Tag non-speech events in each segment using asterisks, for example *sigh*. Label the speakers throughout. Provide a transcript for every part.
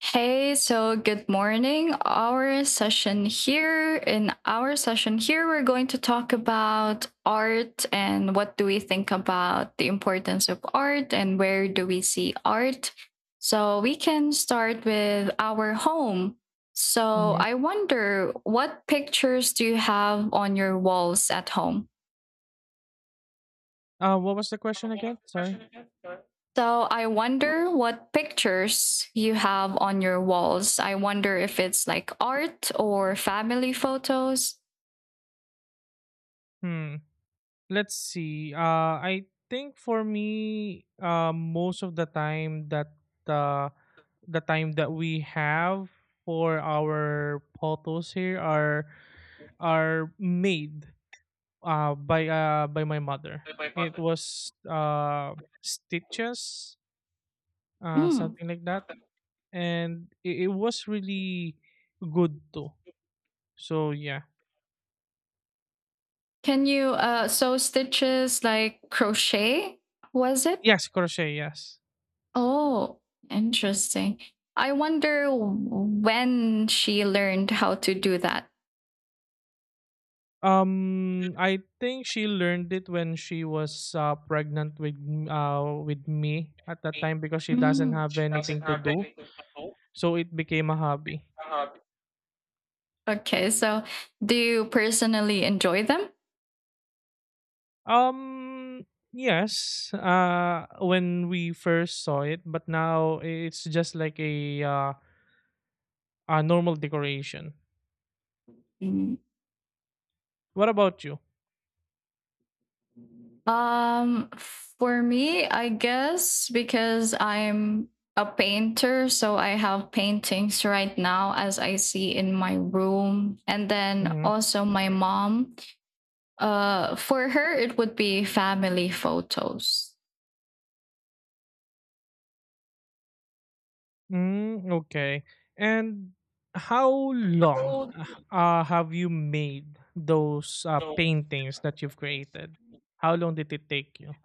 Speaker 1: Hey, so good morning. In our session here, we're going to talk about art and what do we think about the importance of art and where do we see art. So we can start with our home. So
Speaker 2: Mhm.
Speaker 1: I wonder, what pictures do you have on your walls at home?
Speaker 2: What was the question again? Sorry.
Speaker 1: So I wonder what pictures you have on your walls. I wonder if it's like art or family photos.
Speaker 2: Hmm. Let's see. I think for me, most of uh, the time that we have for our photos here are made by my mother. It was stitches,
Speaker 1: Mm.
Speaker 2: something like that, and it was really good too. So yeah,
Speaker 1: Can you sew stitches like crochet? Was it?
Speaker 2: yes, crochet, yes.
Speaker 1: Oh, interesting. I wonder when she learned how to do that.
Speaker 2: I think she learned it when she was pregnant with me at that time because she doesn't
Speaker 1: Mm.
Speaker 2: have anything to do, so it became a hobby.
Speaker 1: Okay, so do you personally enjoy them?
Speaker 2: Um, yes, when we first saw it, but now it's just like a a normal decoration.
Speaker 1: Mm.
Speaker 2: What about you?
Speaker 1: For me, I guess because I'm a painter, so I have paintings right now as I see in my room. And then
Speaker 2: Mhm.
Speaker 1: also my mom. For her, it would be family photos.
Speaker 2: Mm, okay. And how long have you made those paintings that you've created? How long did it take you?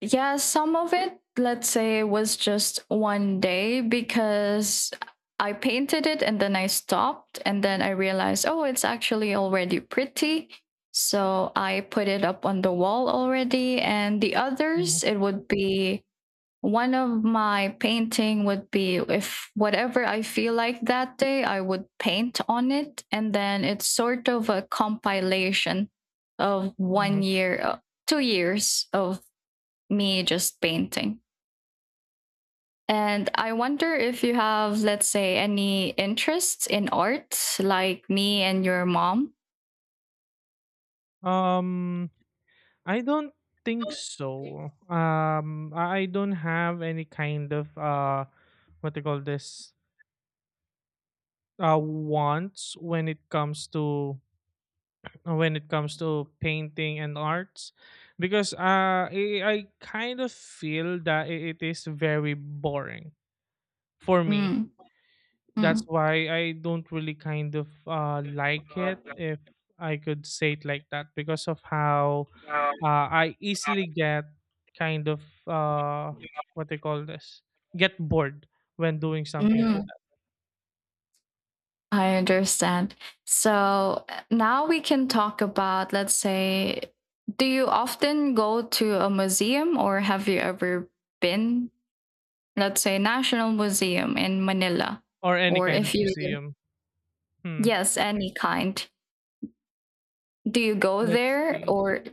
Speaker 1: Yeah, some of it, let's say, was just one day because I painted it and then I stopped and then I realized, oh, it's actually already pretty. So I put it up on the wall already. And the
Speaker 2: Mhm,
Speaker 1: others, it would be one of my painting would be if whatever I feel like that day I would paint on it, and then it's sort of a compilation of one
Speaker 2: mhm.
Speaker 1: year 2 years of me just painting. And I wonder if you have, let's say, any interests in art like me and your mom.
Speaker 2: Um, I don't think so. Um, I don't have any kind of what they call this wants when it comes to painting and arts, because I kind of feel that it is very boring for me.
Speaker 1: Mm.
Speaker 2: That's
Speaker 1: Mm.
Speaker 2: why I don't really kind of like it, if I could say it like that, because of how I easily get kind of uh, what they call this, get bored when doing something like
Speaker 1: Mm. I understand. So now we can talk about, let's say, do you often go to a museum or have you ever been, let's say, National Museum in Manila?
Speaker 2: that, or any
Speaker 1: Or
Speaker 2: kind of
Speaker 1: if you,
Speaker 2: museum. Hmm.
Speaker 1: yes, any kind. Do you go
Speaker 2: Let's
Speaker 1: there
Speaker 2: see.
Speaker 1: or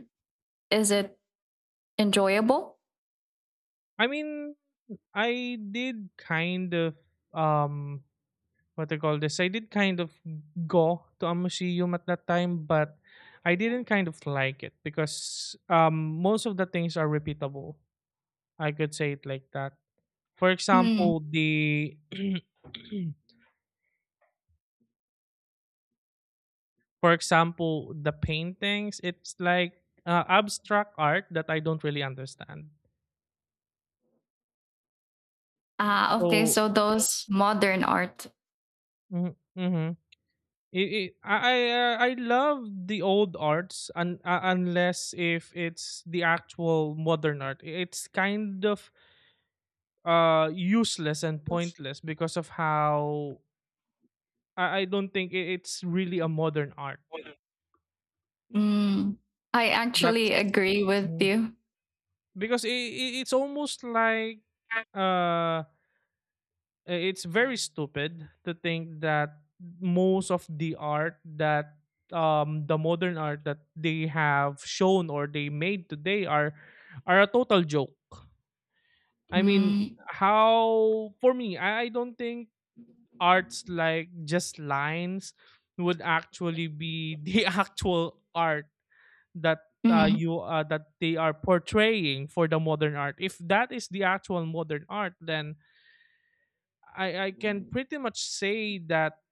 Speaker 1: is it enjoyable?
Speaker 2: I mean, I did kind of um what they call this. I did kind of go to a museum at that time, but I didn't kind of like it because most of the things are repeatable. I could say it like that. For
Speaker 1: Mm.
Speaker 2: example, the *clears throat* for example the paintings. It's like abstract art that I don't really understand.
Speaker 1: Ah, okay.
Speaker 2: So
Speaker 1: So those modern art.
Speaker 2: mm-hmm. I love the old arts, unless if it's the actual modern art. It's kind of useless and pointless because of how I don't think it's really a modern art.
Speaker 1: Mm. I
Speaker 2: That's
Speaker 1: actually agree with
Speaker 2: Mm.
Speaker 1: you.
Speaker 2: because I it's almost like uh it's very stupid to think that most of the art that, the modern art that they have shown or they made today, are a total joke. I mean,
Speaker 1: Mm.
Speaker 2: how for me, I don't think arts like just lines would actually be *laughs* the actual art that
Speaker 1: Mm.
Speaker 2: that they are portraying for the modern art. If that is the actual modern art, then I can pretty much say that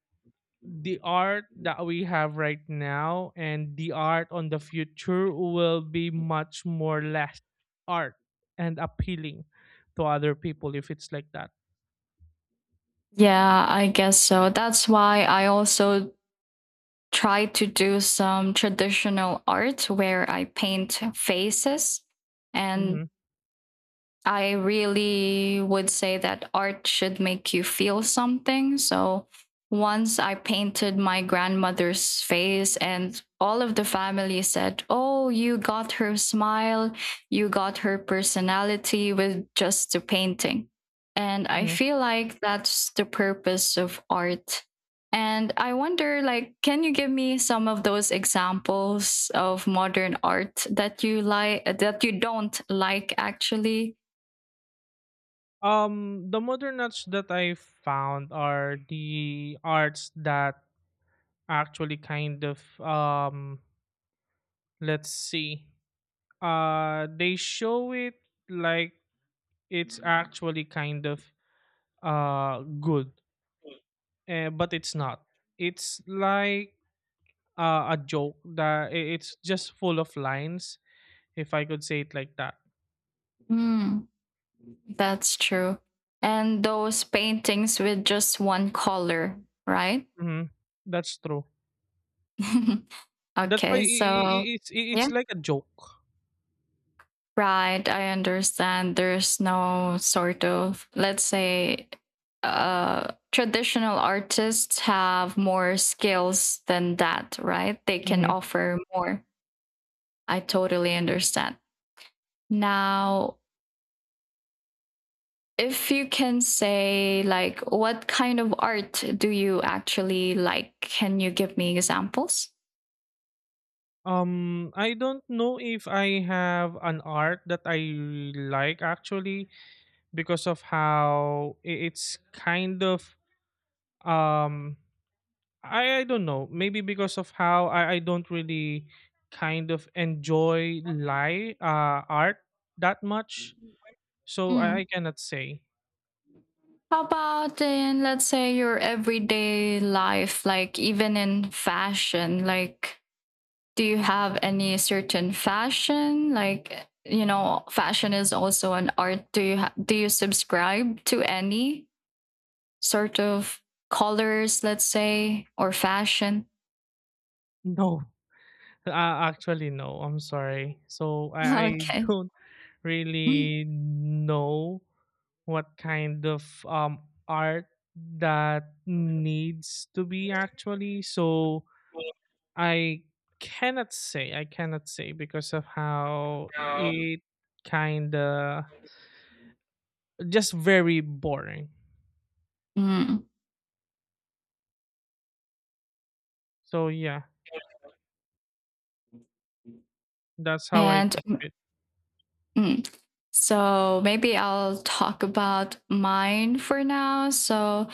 Speaker 2: the art that we have right now and the art on the future will be much more less art and appealing to other people if it's like that.
Speaker 1: Yeah, I guess so. That's why I also try to do some traditional art where I paint faces, and
Speaker 2: Hmm.
Speaker 1: I really would say that art should make you feel something. So once I painted my grandmother's face, and all of the family said, oh, you got her smile, you got her personality with just a painting. And I
Speaker 2: Hmm.
Speaker 1: feel like that's the purpose of art. And I wonder, like, can you give me some of those examples of modern art that you like, that you don't like, actually.
Speaker 2: The modern arts that I found are the arts that, Actually, kind of. Let's see. They show it like it's actually kind of good, but it's not. It's like a joke that it's just full of lines, if I could say it like that.
Speaker 1: Mm, that's true. And those paintings with just one color, right?
Speaker 2: Hmm. That's true.
Speaker 1: *laughs*
Speaker 2: That's why
Speaker 1: Okay,
Speaker 2: i i i-
Speaker 1: so
Speaker 2: it's i-
Speaker 1: yeah,
Speaker 2: it's like a joke.
Speaker 1: right. I understand. There's no sort of, let's say, traditional artists have more skills than that, right? They can
Speaker 2: Mhm.
Speaker 1: offer more. I totally understand. Now, if you can say, like, what kind of art do you actually like, can you give me examples?
Speaker 2: I don't know if I have an art that I like, actually, because of how it's kind of, um I don't know, maybe because of how I don't really kind of enjoy lie art that much, so I,
Speaker 1: Mm.
Speaker 2: I cannot say.
Speaker 1: How about, in, let's say, your everyday life, like even in fashion, like, do you have any certain fashion, like, you know fashion is also an art, do you subscribe to any sort of colors, let's say, or fashion?
Speaker 2: No, *laughs* actually, no. I'm sorry. So
Speaker 1: *laughs*
Speaker 2: I *laughs*
Speaker 1: Okay.
Speaker 2: don't really know what kind of art that needs to be actually. So I cannot say. I cannot say because of how it kind of just very boring.
Speaker 1: Mm.
Speaker 2: So yeah, that's how I
Speaker 1: And
Speaker 2: think of it.
Speaker 1: mm, so maybe I'll talk about mine for now. So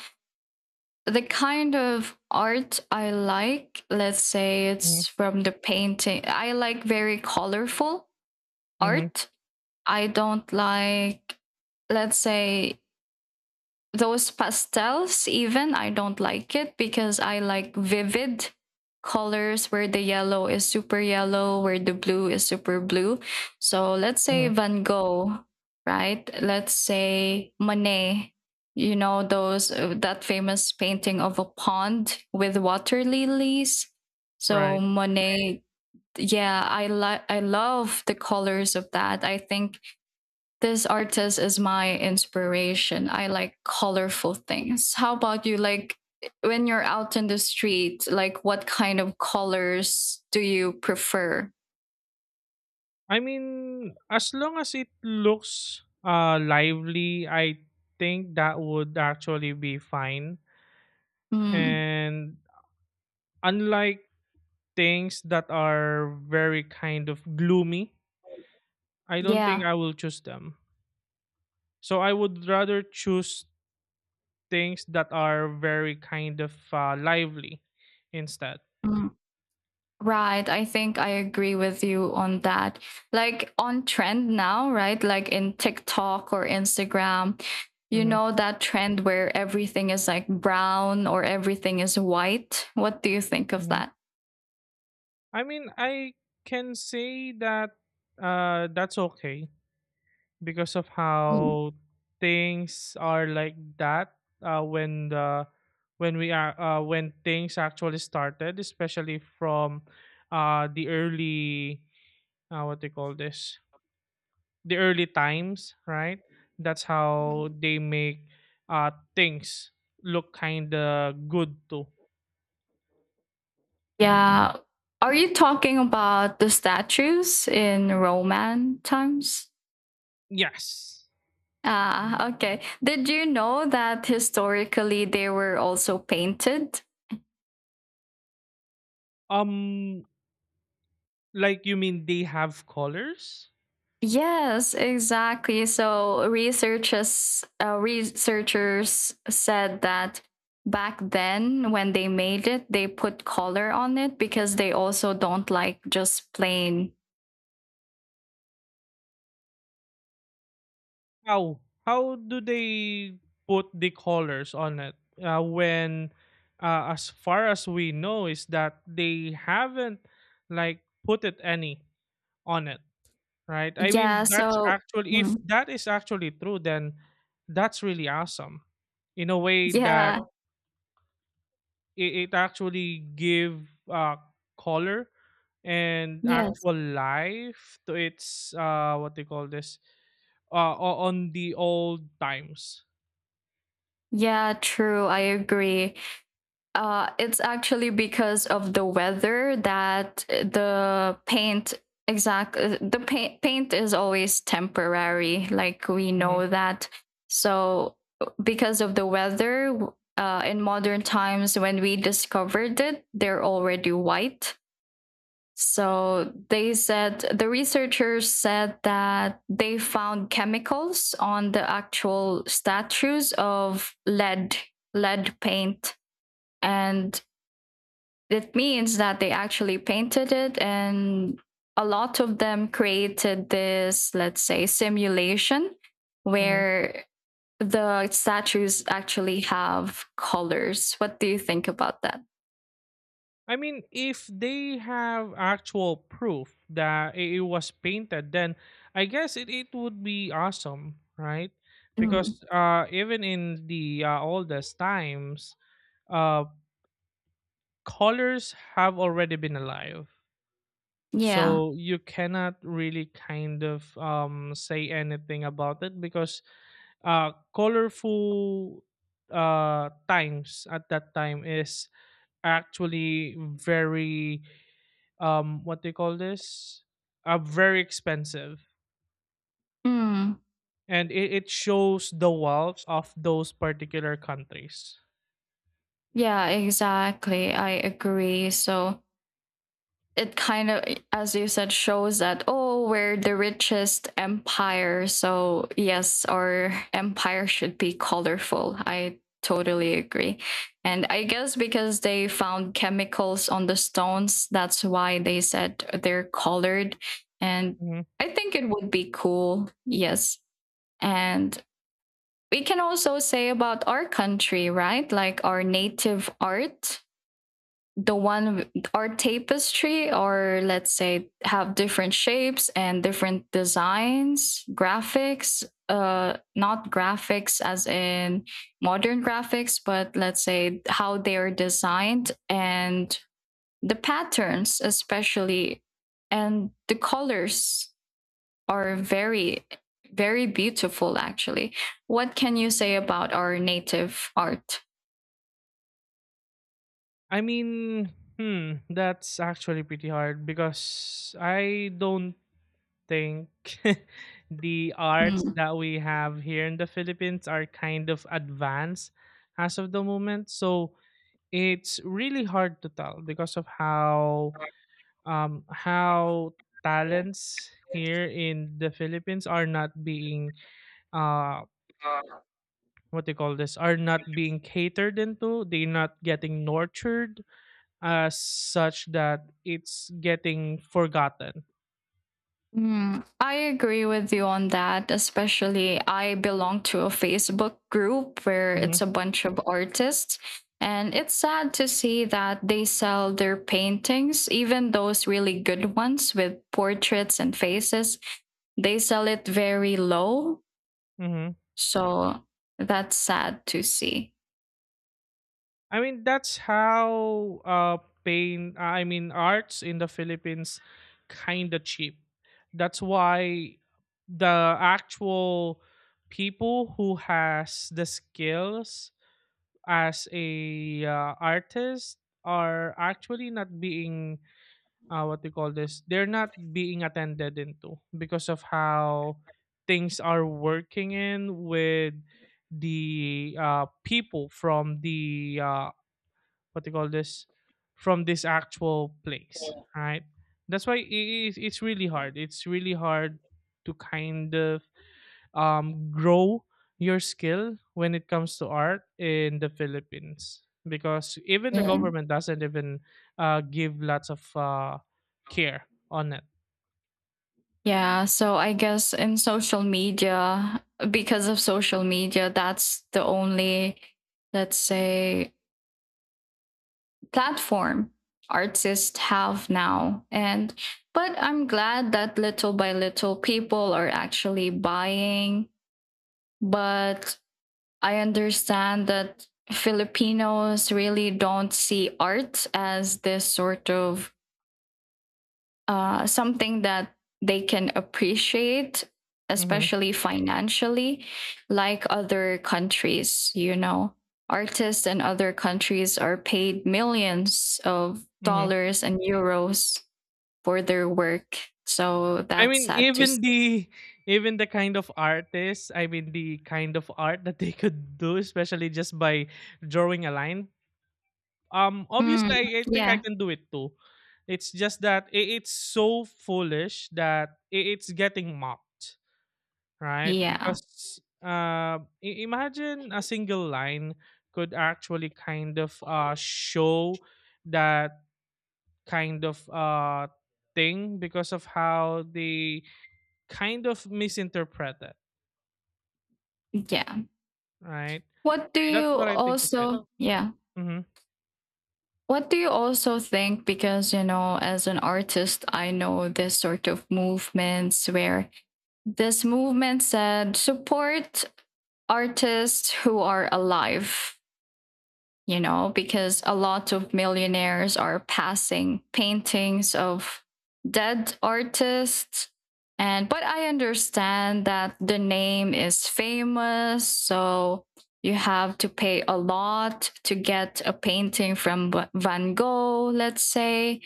Speaker 1: the kind of art I like, let's say,
Speaker 2: Hmm.
Speaker 1: it's from the painting. I like very colorful
Speaker 2: Hmm.
Speaker 1: art. I don't like, let's say, those pastels, even, I don't like it because I like vivid colors where the yellow is super yellow, where the blue is super blue. So let's say
Speaker 2: Hmm.
Speaker 1: Van Gogh, right? Let's say Monet. You know those that famous painting of a pond with water lilies. So
Speaker 2: Right.
Speaker 1: Monet, yeah, I love the colors of that. I think this artist is my inspiration. I like colorful things. How about you? Like when you're out in the street, like what kind of colors do you prefer?
Speaker 2: I mean, as long as it looks lively, I think that would actually be fine.
Speaker 1: Mm,
Speaker 2: And unlike things that are very kind of gloomy, I don't think
Speaker 1: yeah.
Speaker 2: I will choose them. So I would rather choose things that are very kind of lively instead.
Speaker 1: Mm, right. I think I agree with you on that. Like on trend now, right? Like in TikTok or Instagram, you
Speaker 2: Hmm.
Speaker 1: know that trend where everything is like brown or everything is white. What do you think of
Speaker 2: Hmm.
Speaker 1: that?
Speaker 2: I mean, I can say that, that's okay because of how things are like that, when the when we are when things actually started, especially from uh, the early uh, what they call this the early times, right? That's how
Speaker 1: Mm.
Speaker 2: they make things look kind of good too.
Speaker 1: Yeah. Are you talking about the statues in Roman times?
Speaker 2: Yes.
Speaker 1: Ah, okay. Did you know that historically they were also painted?
Speaker 2: Um like, you mean they have colors?
Speaker 1: Yes, exactly. So researchers said that back then when they made it, they put color on it because they also don't like just plain.
Speaker 2: How do they put the colors on it? When as far as we know is that they haven't like put it any on it. Right? I
Speaker 1: Yeah,
Speaker 2: mean, that's
Speaker 1: so
Speaker 2: actually, if
Speaker 1: mm,
Speaker 2: that is actually true, then that's really awesome in a way that
Speaker 1: yeah,
Speaker 2: it actually give color and
Speaker 1: yes.
Speaker 2: actual life to its, what they call this, on the old times.
Speaker 1: Yeah, true. I agree. It's actually because of the weather that the paint is always temporary, like we
Speaker 2: Mhm,
Speaker 1: know that. So because of the weather, in modern times when we discovered it, they're already white. So they said, the researchers said that they found chemicals on the actual statues of lead paint, and it means that they actually painted it. And a lot of them created this, let's say, simulation
Speaker 2: mhm.
Speaker 1: where the statues actually have colors. What do you think about that?
Speaker 2: I mean, if they have actual proof that it was painted, then I guess it would be awesome, right?
Speaker 1: Mm,
Speaker 2: Because even in the oldest times, uh, colors have already been alive.
Speaker 1: yeah.
Speaker 2: So you cannot really kind of say anything about it, because colorful times at that time is actually very what they call this very expensive,
Speaker 1: Mm,
Speaker 2: and it shows the wealth of those particular countries.
Speaker 1: yeah, exactly. I agree. So it kind of, as you said, shows that, oh, we're the richest empire, so yes, our empire should be colorful. I totally agree. And I guess because they found chemicals on the stones, that's why they said they're colored. And
Speaker 2: Mhm.
Speaker 1: I think it would be cool, yes. And we can also say about our country, right, like our native art, or tapestry, or let's say, have different shapes and different designs, graphics, not graphics as in modern graphics, but let's say how they are designed, and the patterns especially, and the colors are very, very beautiful, actually. What can you say about our native art?
Speaker 2: I mean, that's actually pretty hard because I don't think *laughs* the arts
Speaker 1: Mm.
Speaker 2: that we have here in the Philippines are kind of advanced as of the moment. So it's really hard to tell because of how talents here in the Philippines are not being uh what they call this, are not being catered into, they're not getting nurtured as such that it's getting forgotten.
Speaker 1: Mm, I agree with you on that. Especially, I belong to a Facebook group where
Speaker 2: Hmm.
Speaker 1: it's a bunch of artists, and it's sad to see that they sell their paintings, even those really good ones with portraits and faces. They sell it very low,
Speaker 2: Hmm.
Speaker 1: so that's sad to see.
Speaker 2: I mean, that's how I mean, arts in the Philippines kind of cheap. That's why the actual people who has the skills as a artist are actually not being what they call this, they're not being attended into because of how things are working in with the people from the what they call this from this actual place, right? That's why it's really hard. It's really hard to kind of grow your skill when it comes to art in the Philippines because even the
Speaker 1: Mm.
Speaker 2: government doesn't even give lots of care on it.
Speaker 1: Yeah, so I guess in social media, because of social media, that's the only, let's say, platform artists have now. And but I'm glad that little by little people are actually buying. But I understand that Filipinos really don't see art as this sort of something that they can appreciate,
Speaker 2: Hmm.
Speaker 1: especially financially, like other countries. You know, artists in other countries are paid millions of
Speaker 2: Hmm.
Speaker 1: dollars and euros for their work. So
Speaker 2: I
Speaker 1: that's
Speaker 2: mean,
Speaker 1: sad to
Speaker 2: even
Speaker 1: see.
Speaker 2: the even the kind of artists, I mean, the kind of art that they could do, especially just by drawing a line.
Speaker 1: Mm,
Speaker 2: Obviously, I think I
Speaker 1: yeah,
Speaker 2: can do it too. It's just that it's so foolish that it's getting mocked. Right?
Speaker 1: yeah,
Speaker 2: Because imagine a single line could actually kind of show that kind of thing because of how they kind of misinterpret it,
Speaker 1: yeah.
Speaker 2: right?
Speaker 1: What do
Speaker 2: That's
Speaker 1: you
Speaker 2: what I think of it.
Speaker 1: also, yeah,
Speaker 2: Hmm.
Speaker 1: what do you also think? Because, you know, as an artist, I know this sort of movements where this movement said support artists who are alive, you know, because a lot of millionaires are passing paintings of dead artists. And but I understand that the name is famous, so you have to pay a lot to get a painting from Van Gogh, let's say,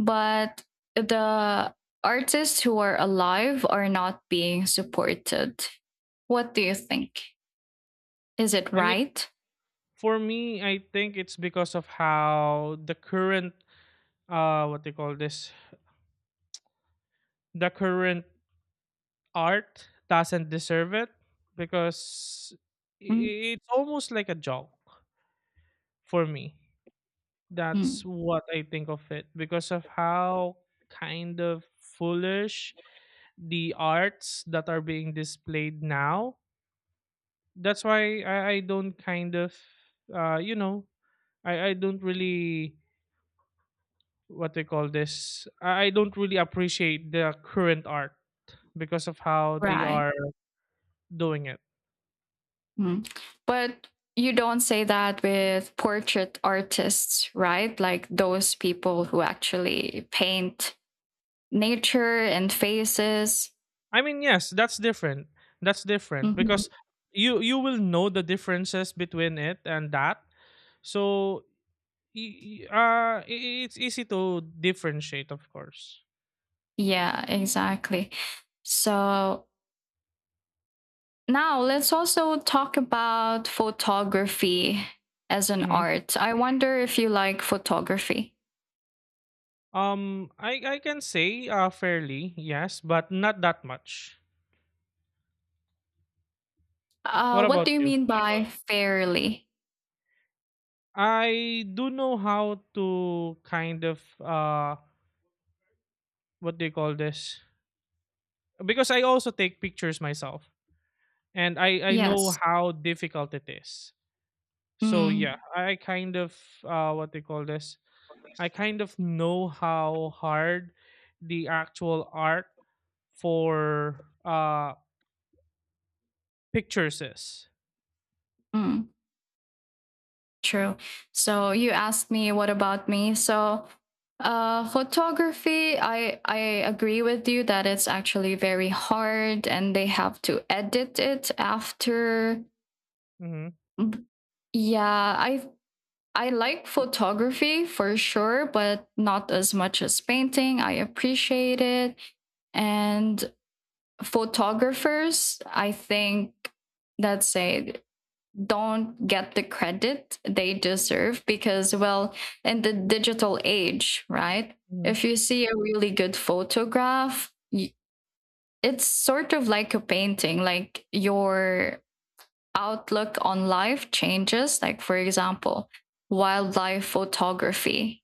Speaker 1: but the artists who are alive are not being supported. What do you think? Is it
Speaker 2: I mean,
Speaker 1: right?
Speaker 2: for me, I think it's because of how the current, what they call this, the current art doesn't deserve it because
Speaker 1: Mm.
Speaker 2: it's almost like a joke for me. That's
Speaker 1: Mm,
Speaker 2: what I think of it because of how kind of foolish the arts that are being displayed now. That's why I don't kind of, uh, you know, I don't really, what they call this, I don't really appreciate the current art because of how they
Speaker 1: right.
Speaker 2: are doing it.
Speaker 1: Mm. But you don't say that with portrait artists, right? Like those people who actually paint nature and faces.
Speaker 2: I mean, yes, that's different. That's different
Speaker 1: Mhm.
Speaker 2: because you will know the differences between it and that, so it's easy to differentiate, of course.
Speaker 1: Yeah, exactly. So now, let's also talk about photography as an
Speaker 2: Hmm.
Speaker 1: art. I wonder if you like photography.
Speaker 2: I can say, fairly, yes, but not that much. What
Speaker 1: What
Speaker 2: about
Speaker 1: do you
Speaker 2: you?
Speaker 1: mean by fairly?
Speaker 2: I do know how to kind of what do you call this? Because I also take pictures myself, and I know
Speaker 1: Yes.
Speaker 2: how difficult it is. So
Speaker 1: Mm,
Speaker 2: yeah, I kind of what do you call this? I kind of know how hard the actual art for pictures is.
Speaker 1: mm, true. So you asked me what about me. So photography, I agree with you that it's actually very hard, and they have to edit it after.
Speaker 2: Mhm.
Speaker 1: Yeah, I like photography for sure, but not as much as painting. I appreciate it. And photographers, I think, let's say, don't get the credit they deserve because, well, in the digital age, right?
Speaker 2: Mhm.
Speaker 1: If you see a really good photograph, it's sort of like a painting, like your outlook on life changes. Like, for example, wildlife photography,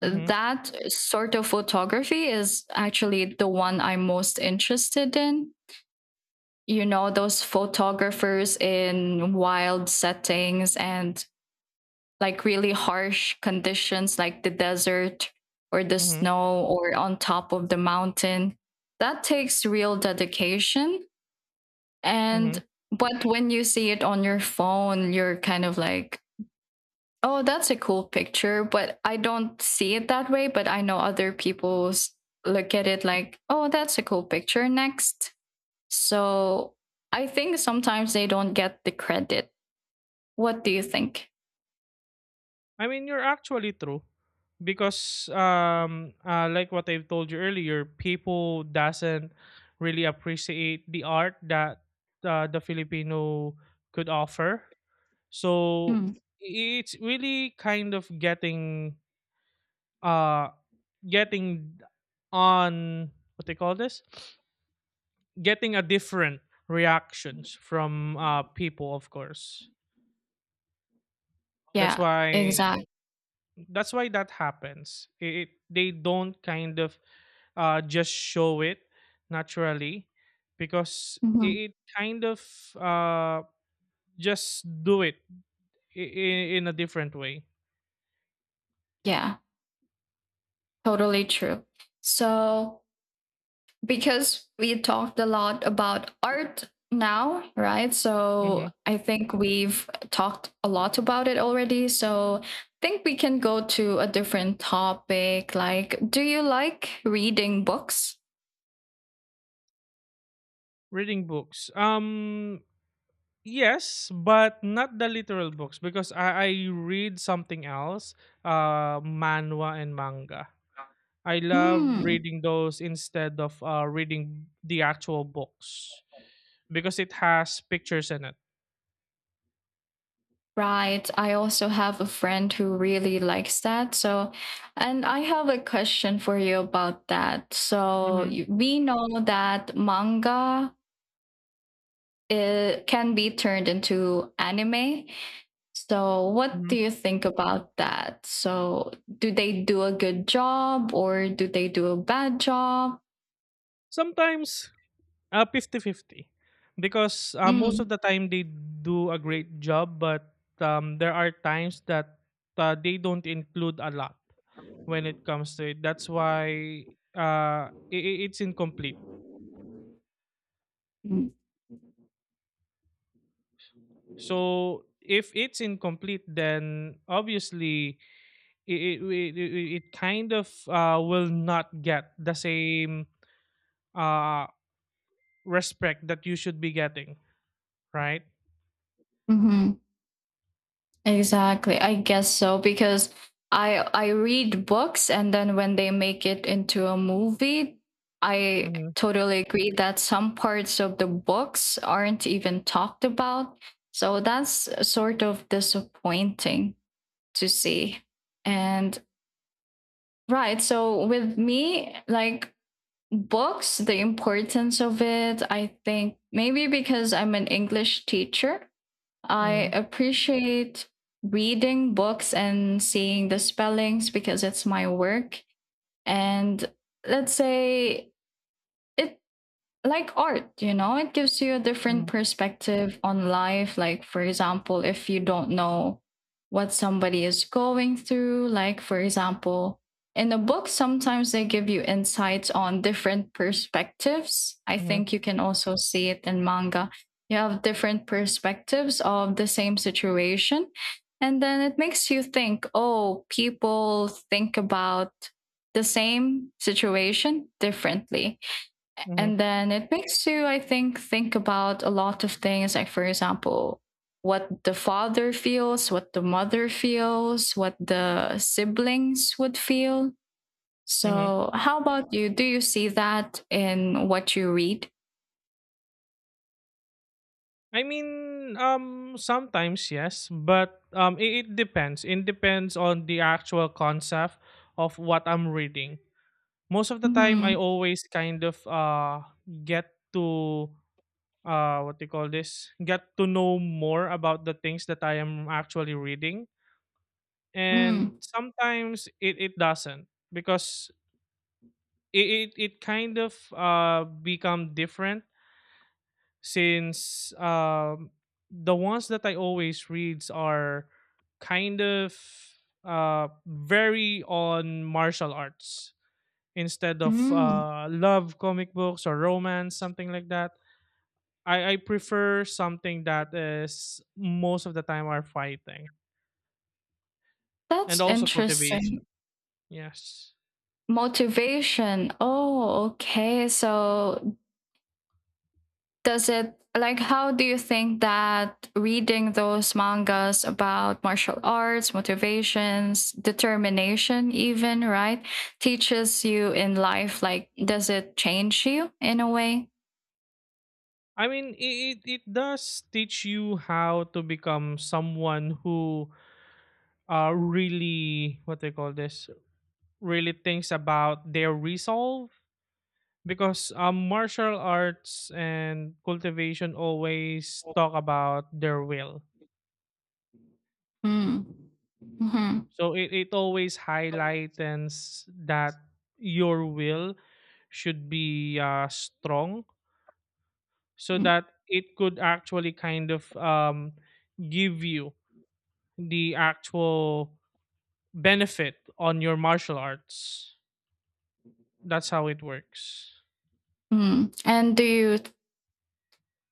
Speaker 2: Mhm.
Speaker 1: that sort of photography is actually the one I'm most interested in. You know, those photographers in wild settings and like really harsh conditions, like the desert or the
Speaker 2: Mhm.
Speaker 1: snow or on top of the mountain. That takes real dedication. And
Speaker 2: Mhm.
Speaker 1: but when you see it on your phone, you're kind of like, oh, that's a cool picture, but I don't see it that way. But I know other people look at it like, oh, that's a cool picture. Next. So I think sometimes they don't get the credit. What do you think?
Speaker 2: I mean, you're actually true because like what I've told you earlier, people doesn't really appreciate the art that the Filipino could offer. So
Speaker 1: Mm,
Speaker 2: it's really kind of getting uh getting on what they call this getting a different reactions from people, of course. That's
Speaker 1: yeah,
Speaker 2: why,
Speaker 1: exactly.
Speaker 2: that happens, it, they don't kind of just show it naturally because it kind of uh, just do it in, in a different way.
Speaker 1: Yeah, totally true. So because we talked a lot about art now, right?
Speaker 2: Mm-hmm.
Speaker 1: So I think we've talked a lot about it already. So I think we can go to a different topic. Like, do you like reading books?
Speaker 2: Reading books. Yes, but not the literal books because I read something else, manhwa and manga. I love
Speaker 1: Hmm.
Speaker 2: reading those instead of reading the actual books because it has pictures in it.
Speaker 1: Right. I also have a friend who really likes that. So, and I have a question for you about that. So,
Speaker 2: Mhm.
Speaker 1: we know that manga, it can be turned into anime. So, what
Speaker 2: Mhm.
Speaker 1: do you think about that? So, do they do a good job or do they do a bad job?
Speaker 2: Sometimes, 50/50, because most of
Speaker 1: Mm.
Speaker 2: the time they do a great job, but there are times that they don't include a lot when it comes to it. That's why uh, i- it's incomplete. So if it's incomplete, then obviously it it, it, it it kind of will not get the same uh, respect that you should be getting, right?
Speaker 1: Mm-hmm. Exactly. I guess so because I read books and then when they make it into a movie, I
Speaker 2: Mm-hmm,
Speaker 1: totally agree that some parts of the books aren't even talked about. So that's sort of disappointing to see. And right. So with me, like, books, the importance of it, I think maybe because I'm an English teacher, I
Speaker 2: mm-hmm,
Speaker 1: appreciate reading books and seeing the spellings because it's my work. And let's say it, like art, it gives you a different
Speaker 2: mm-hmm,
Speaker 1: perspective on life. Like, for example, if you don't know what somebody is going through, like, for example, in a book, sometimes they give you insights on different perspectives. I
Speaker 2: mm-hmm,
Speaker 1: think you can also see it in manga. You have different perspectives of the same situation. And then it makes you think, oh, people think about the same situation differently,
Speaker 2: mm-hmm,
Speaker 1: and then it makes you, I think about a lot of things, like, for example, what the father feels, what the mother feels, what the siblings would feel.
Speaker 2: mm-hmm.
Speaker 1: So, how about you? Do you see that in what you read?
Speaker 2: I mean, sometimes yes, but it depends. It depends on the actual concept of what I'm reading. Most of the time, I
Speaker 1: Hmm.
Speaker 2: always kind of, get to, what do you call this? Get to know more about the things that I am actually reading, and
Speaker 1: Mm.
Speaker 2: sometimes it doesn't, because it kind of become different since, the ones that I always reads are kind of very on martial arts instead of
Speaker 1: Mm.
Speaker 2: love comic books or romance, something like that. I prefer something that is most of the time are fighting, and
Speaker 1: That's
Speaker 2: also cultivation.
Speaker 1: interesting.
Speaker 2: Yes.
Speaker 1: Motivation. Oh, okay. So, does it like how do you think that reading those mangas about martial arts, motivations, determination, even, right, teaches you in life, like, does it change you in a way?
Speaker 2: I mean, it does teach you how to become someone who really, what they call this, really thinks about their resolve because, martial arts and cultivation always talk about their will.
Speaker 1: Mm. Hmm.
Speaker 2: So it always highlights that your will should be strong so that it could actually kind of give you the actual benefit on your martial arts. That's how it works.
Speaker 1: Mm. And do you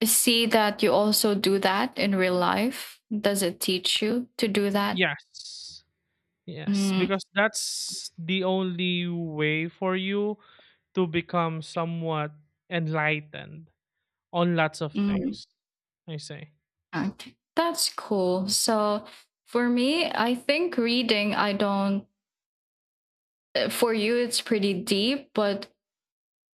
Speaker 1: see that you also do that in real life, does it teach you to do that?
Speaker 2: Yes. Yes.
Speaker 1: Mm.
Speaker 2: Because that's the only way for you to become somewhat enlightened on lots of
Speaker 1: Mm.
Speaker 2: things, I say.
Speaker 1: Okay. That's cool. So for me, I think reading, I don't, for you it's pretty deep, but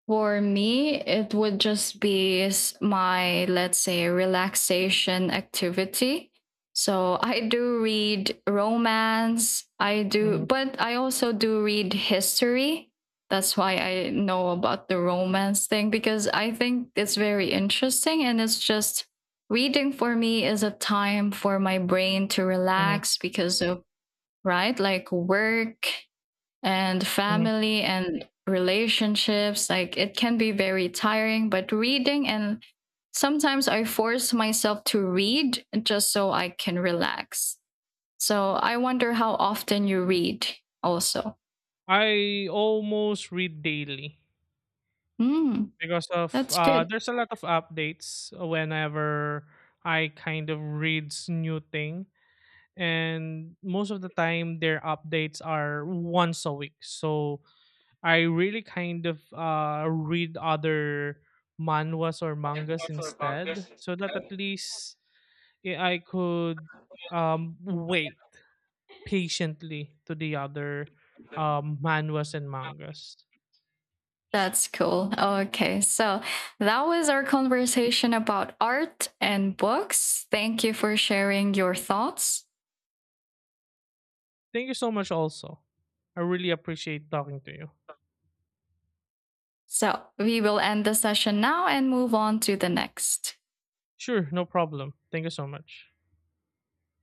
Speaker 1: for me it would just be my, let's say, relaxation activity. So I do read romance, I do,
Speaker 2: Hmm.
Speaker 1: but I also do read history. That's why I know about the romance thing because I think it's very interesting. And it's just, reading for me is a time for my brain to relax because of, right, like work and
Speaker 2: Mhm.
Speaker 1: family and relationships. Like it can be very tiring, but reading, and sometimes I force myself to read just so I can relax. So I wonder how often you read also.
Speaker 2: I almost read daily
Speaker 1: Mm,
Speaker 2: because of
Speaker 1: that's good.
Speaker 2: there's a lot of updates whenever I kind of reads new thing, and most of the time their updates are once a week. So I really kind of read other manhwas or mangas instead, so that at least I could wait patiently to the other, manhwas and mangas.
Speaker 1: That's cool. Okay. So that was our conversation about art and books. Thank you for sharing your thoughts.
Speaker 2: Thank you so much, also. I really appreciate talking to you.
Speaker 1: So we will end the session now and move on to the next.
Speaker 2: Sure, no problem. Thank you so much.